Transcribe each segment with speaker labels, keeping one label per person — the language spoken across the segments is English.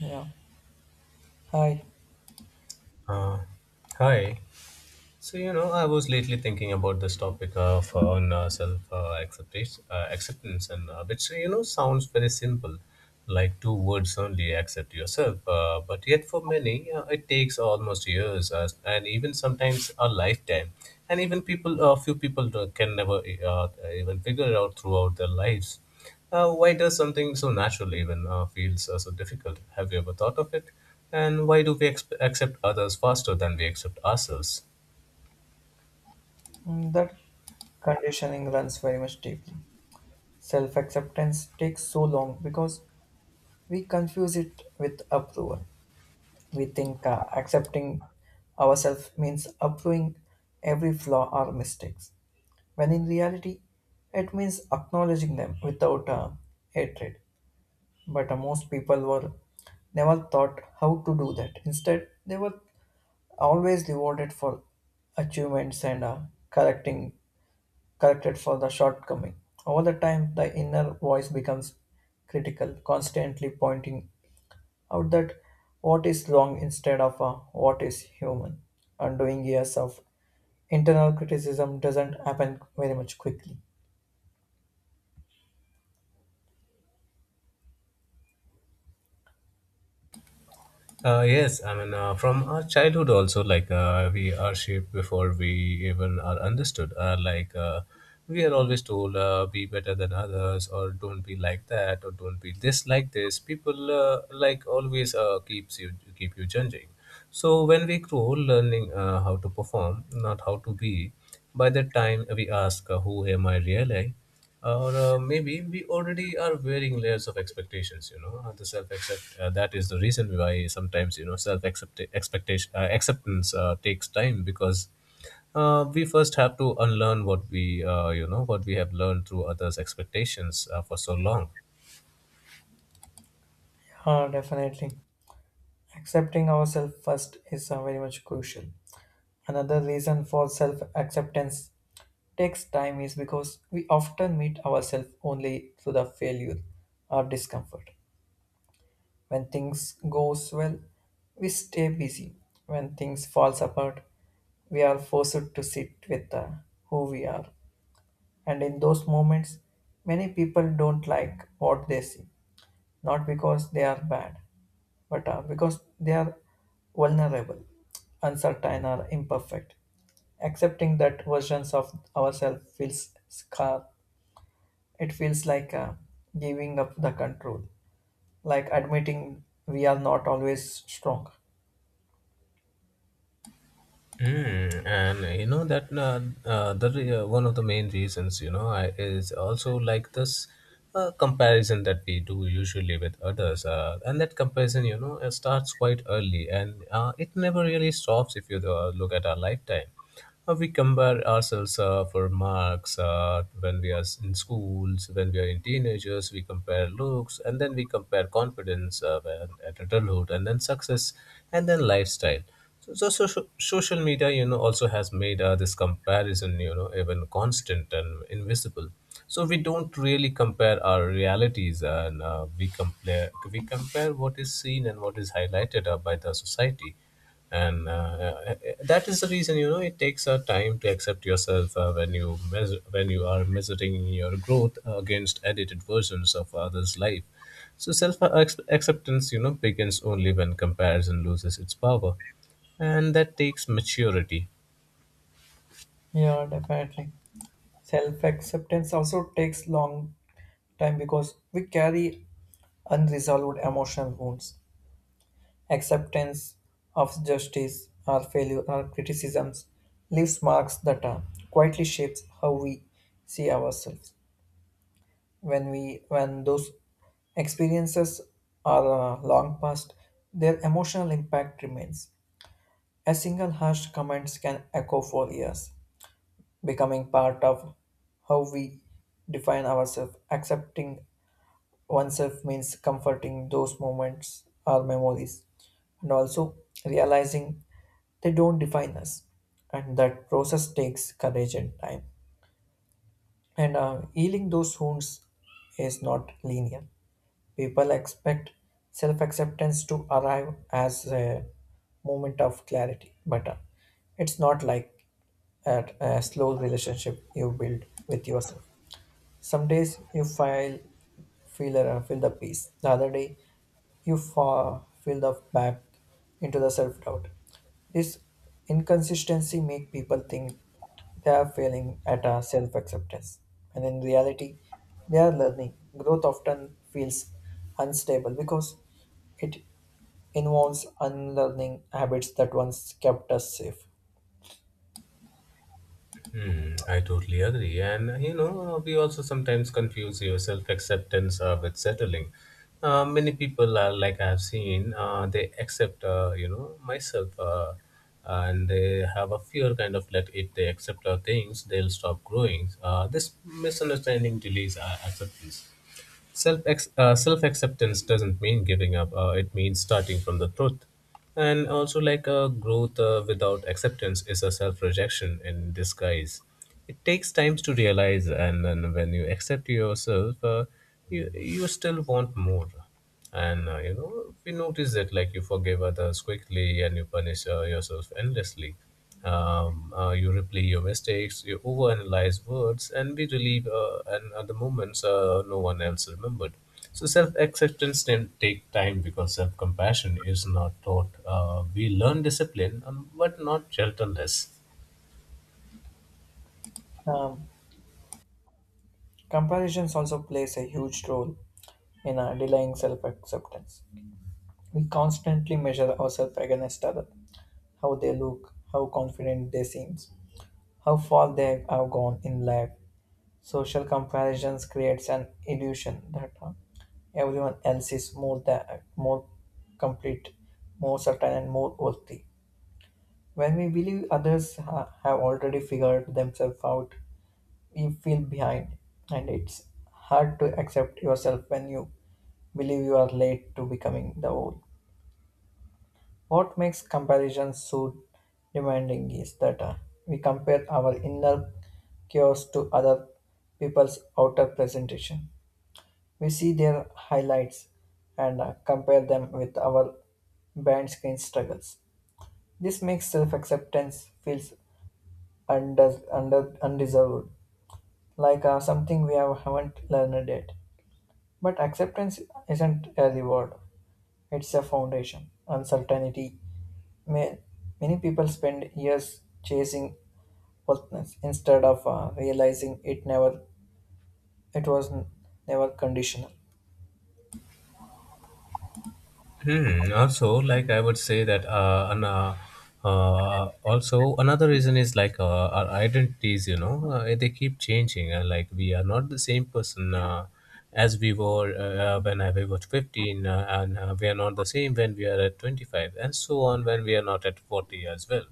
Speaker 1: Yeah. Hi.
Speaker 2: あはい。I was lately thinking about this topic of on self acceptance, and which you know sounds very simple, like two words only: accept yourself. But yet, for many, it takes almost years, and even sometimes a lifetime. And even a few people can never uh, even figure it out throughout their lives. Why does something so natural even feels so difficult? Have you ever thought of it? And why do we accept others faster than we accept ourselves?
Speaker 1: Mm, that conditioning runs very much deeply. Self acceptance takes so long because we confuse it with approval. We think accepting ourselves means approving every flaw or mistakes, when in reality, it means acknowledging them without hatred. But most people were never taught how to do that. Instead, they were always rewarded for achievements and correcting corrected for the shortcoming. Over the time, the inner voice becomes critical, constantly pointing out that what is wrong instead of what is human. Undoing years of internal criticism doesn't happen very much quickly.
Speaker 2: Yes, from our childhood also, we are shaped before we even are understood. We are always told, be better than others, or don't be like that, or don't be this like this. People like always keep you judging. So when we grow, learning how to perform, not how to be. By the time we ask, who am I really? Or maybe we already are wearing layers of expectations you know the self accept That is the reason why sometimes you know self accept expectation acceptance takes time because we first have to unlearn what we what we have learned through others expectations for so long.
Speaker 1: Definitely. Accepting ourselves first is very much crucial. Another reason for self acceptance takes time is because we often meet ourselves only through the failure or discomfort. When things goes well, we stay busy. When things falls apart, we are forced to sit with who we are. And in those moments, many people don't like what they see, not because they are bad, but because they are vulnerable, uncertain, or imperfect. Accepting that versions of ourselves feels scar. It feels like giving up the control, like admitting we are not always strong.
Speaker 2: And you know that one of the main reasons is also like this comparison that we do usually with others, and that comparison starts quite early and it never really stops if you look at our lifetime. We compare ourselves for marks when we are in schools, when we are in teenagers, we compare looks, and then we compare confidence when, at adulthood, and then success, and then lifestyle. Social media, you know, also has made this comparison, you know, even constant and invisible. So we don't really compare our realities, and we compare what is seen and what is highlighted by the society and that is the reason you know it takes a time to accept yourself when you are measuring your growth against edited versions of others life. So self acceptance you know begins only when comparison loses its power, and that takes maturity.
Speaker 1: Yeah, definitely. Self acceptance also takes long time because we carry unresolved emotional wounds. Acceptance of justice or failure or criticisms leaves marks that are quietly shapes how we see ourselves. When those experiences are long past, their emotional impact remains. A single harsh comment can echo for years, becoming part of how we define ourselves. Accepting oneself means comforting those moments or memories and also realizing they don't define us. And that process takes courage and time. And healing those wounds is not linear. People expect self acceptance to arrive as a moment of clarity, but it's not like a slow relationship you build with yourself. Some days you feel the peace. The other day you feel the back into the self doubt. This inconsistency make people think they are failing at a self acceptance, and in reality, they are learning. Growth often feels unstable because it involves unlearning habits that once kept us safe.
Speaker 2: I totally agree. And you know, we also sometimes confuse your self acceptance with settling. Many people are like I've seen, they accept, you know, myself, and they have a fear kind of that if they accept our things, they'll stop growing. This misunderstanding delays our acceptance. Self acceptance doesn't mean giving up. It means starting from the truth, and also growth without acceptance is a self rejection in disguise. It takes time to realize, and then when you accept yourself, you still want more, and we notice that like you forgive others quickly and you punish yourself endlessly. You replay your mistakes, you overanalyze words, and we relieve and other moments no one else remembered. So self-acceptance can take time because self-compassion is not taught. We learn discipline, but not gentleness.
Speaker 1: Um, Comparisons also plays a huge role in delaying self acceptance. We constantly measure ourselves against others, how they look, how confident they seem, how far they have gone in life. Social comparisons creates an illusion that everyone else is more complete, more certain, and more worthy. When we believe others have already figured themselves out, we feel behind, and it's hard to accept yourself when you believe you are late to becoming the whole. What makes comparison so demanding is that we compare our inner chaos to other people's outer presentation. We see their highlights and compare them with our band screen struggles. This makes self acceptance feels undeserved, like something we haven't learned yet. But acceptance isn't a reward, it's a foundation. Uncertainty. May, Many people spend years chasing wealthness instead of realizing it never it was n- never conditional.
Speaker 2: Hmm. Also, like I would say that also another reason is our identities. You know, they keep changing. Like we are not the same person as we were when I was 15, and we are not the same when we are at 25, and so on when we are not at 40 as well.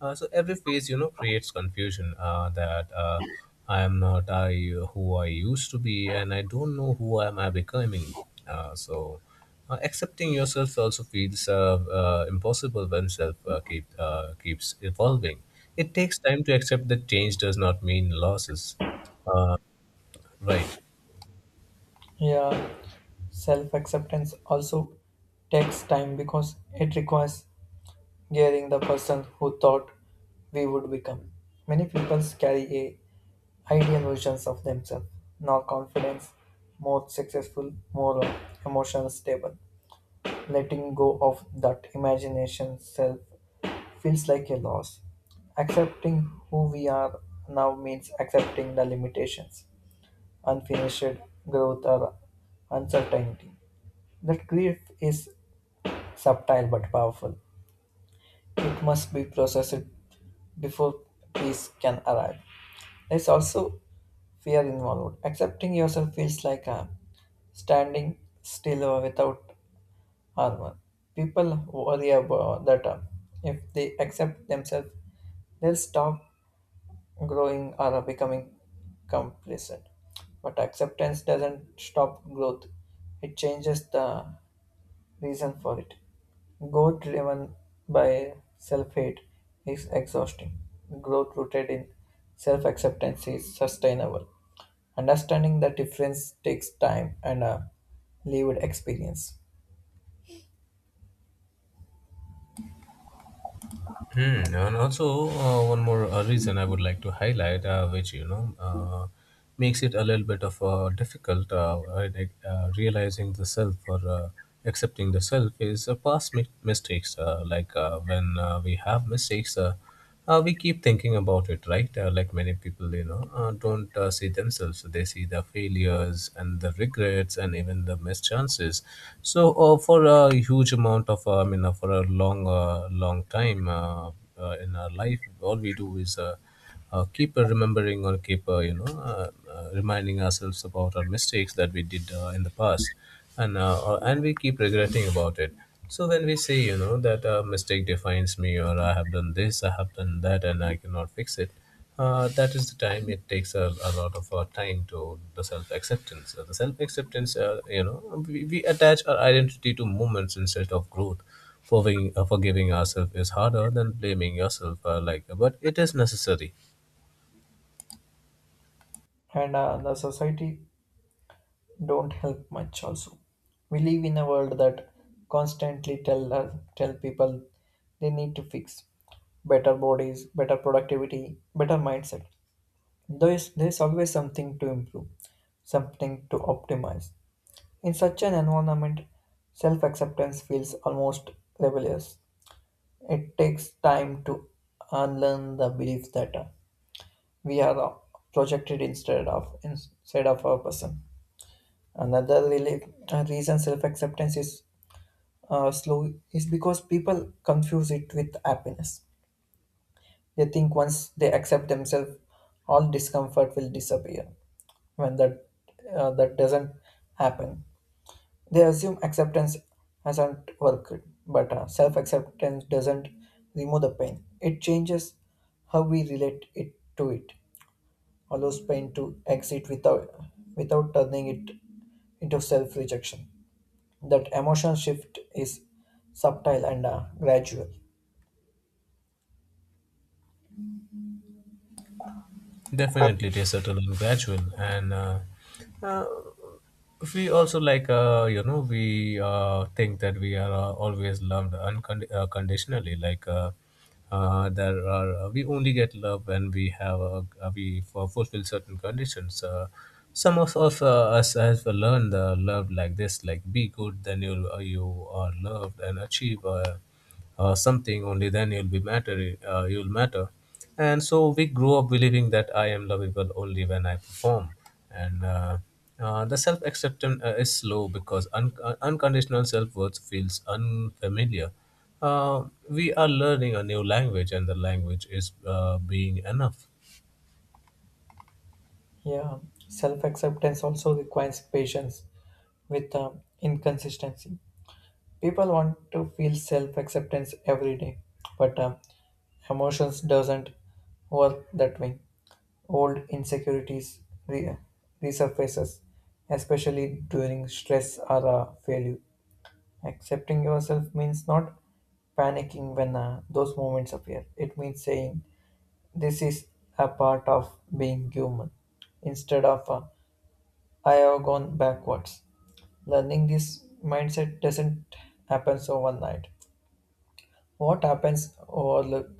Speaker 2: So every phase, you know, creates confusion that I am not I who I used to be, and I don't know who am I becoming. Uh, so. Accepting yourself also feels impossible when self keeps evolving. It takes time to accept that change does not mean losses, right?
Speaker 1: Yeah, self acceptance also takes time because it requires gearing the person who thought we would become. Many people carry a ideal versions of themselves, more confidence, more successful, more emotional stable. Letting go of that imagination self feels like a loss. Accepting who we are now means accepting the limitations, unfinished growth, or uncertainty. That grief is subtle but powerful. It must be processed before peace can arrive. There's also fear involved. Accepting yourself feels like a standing still without hormone. People worry about that if they accept themselves, they'll stop growing or becoming complacent. But acceptance doesn't stop growth, it changes the reason for it. Growth driven by self hate is exhausting. Growth rooted in self acceptance is sustainable. Understanding the difference takes time and a lived experience.
Speaker 2: Hmm. And also, one more reason I would like to highlight, which you know, makes it a little bit of difficult. Realizing the self or accepting the self is mistakes. When we have mistakes, we keep thinking about it, right? Like many people, you know, don't see themselves. They see the failures and the regrets and even the missed chances. So for a huge amount of, for a long time in our life, all we do is keep remembering or keep reminding ourselves about our mistakes that we did in the past, and and we keep regretting about it. So when we say you know that a mistake defines me, or I have done this, I have done that, and I cannot fix it, that is the time it takes a lot of our time to the self-acceptance. The self-acceptance, you know, we attach our identity to moments instead of growth. Forgiving forgiving ourselves is harder than blaming yourself, but it is necessary.
Speaker 1: And the society don't help much also. We live in a world that constantly tell people they need to fix better bodies, better productivity, better mindset. There's always something to improve, something to optimize. In such an environment, self-acceptance feels almost rebellious. It takes time to unlearn the belief that we are projected instead of a person. Another really, reason self acceptance is slow is because people confuse it with happiness. They think once they accept themselves, all discomfort will disappear. When that doesn't happen, they assume acceptance hasn't worked. But self acceptance doesn't remove the pain. It changes how we relate it to it. Allows pain to exit without turning it into self rejection. That emotional shift is subtle and gradual.
Speaker 2: Definitely, it is subtle and gradual, and uh, we also we think that we are always loved conditionally. Like there are We only get love when we have fulfill certain conditions. Some of us have learned love like this, like be good, then you are loved, and achieve something, only then you'll matter. And so we grew up believing that I am lovable only when I perform. And The self acceptance is slow because unconditional self worth feels unfamiliar. We are learning a new language, and the language is being enough.
Speaker 1: Yeah, self acceptance also requires patience with inconsistency. People want to feel self acceptance every day, but emotions doesn't work that way. Old insecurities re- resurfaces, especially during stress or failure. Accepting yourself means not panicking when those moments appear. It means saying, "This is a part of being human," instead of "I have gone backwards." Learning this mindset doesn't happen overnight. What happens overlook,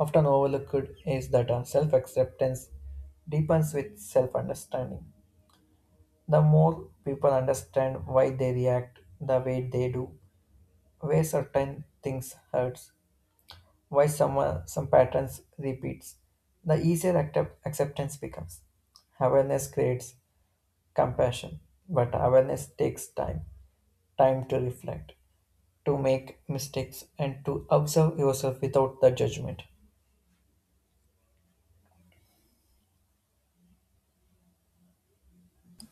Speaker 1: often overlooked is that self acceptance deepens with self understanding. The more people understand why they react the way they do, where certain things hurts. Why some patterns repeats, the easier acceptance becomes. Awareness creates compassion, but awareness takes time, time to reflect, to make mistakes, and to observe yourself without the judgment.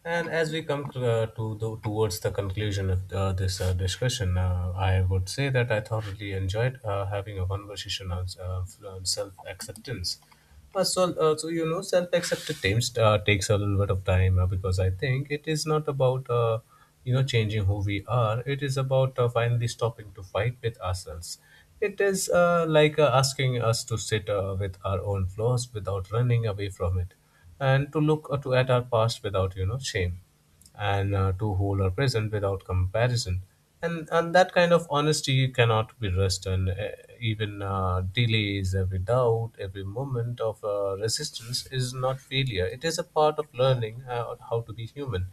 Speaker 2: And as we come towards the conclusion of this discussion, I would say that I thoroughly enjoyed having a conversation on self-acceptance. Self-acceptance takes a little bit of time because I think it is not about changing who we are. It is about finally stopping to fight with ourselves. It is asking us to sit with our own flaws without running away from it, and to look to at our past without you know shame, and to hold our present without comparison, and that kind of honesty cannot be rushed. And even delays, every doubt, every moment of resistance is not failure, it is a part of learning how to be human.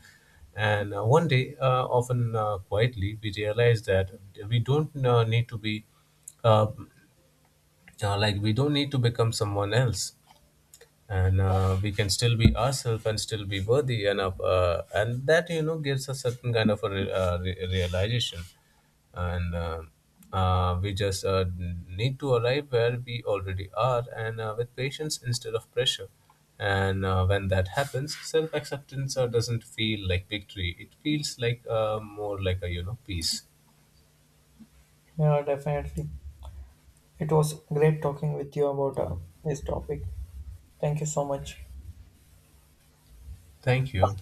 Speaker 2: And one day, often quietly, we realize that we don't need to be uh, uh, like we don't need to become someone else, and we can still be ourselves and still be worthy enough, and that you know gives a certain kind of realization. And we just need to arrive where we already are, and with patience instead of pressure. And when that happens, self-acceptance doesn't feel like victory, it feels like more like a you know peace.
Speaker 1: Yeah, definitely. It was great talking with you about this topic. Thank you so much.
Speaker 2: Thank you.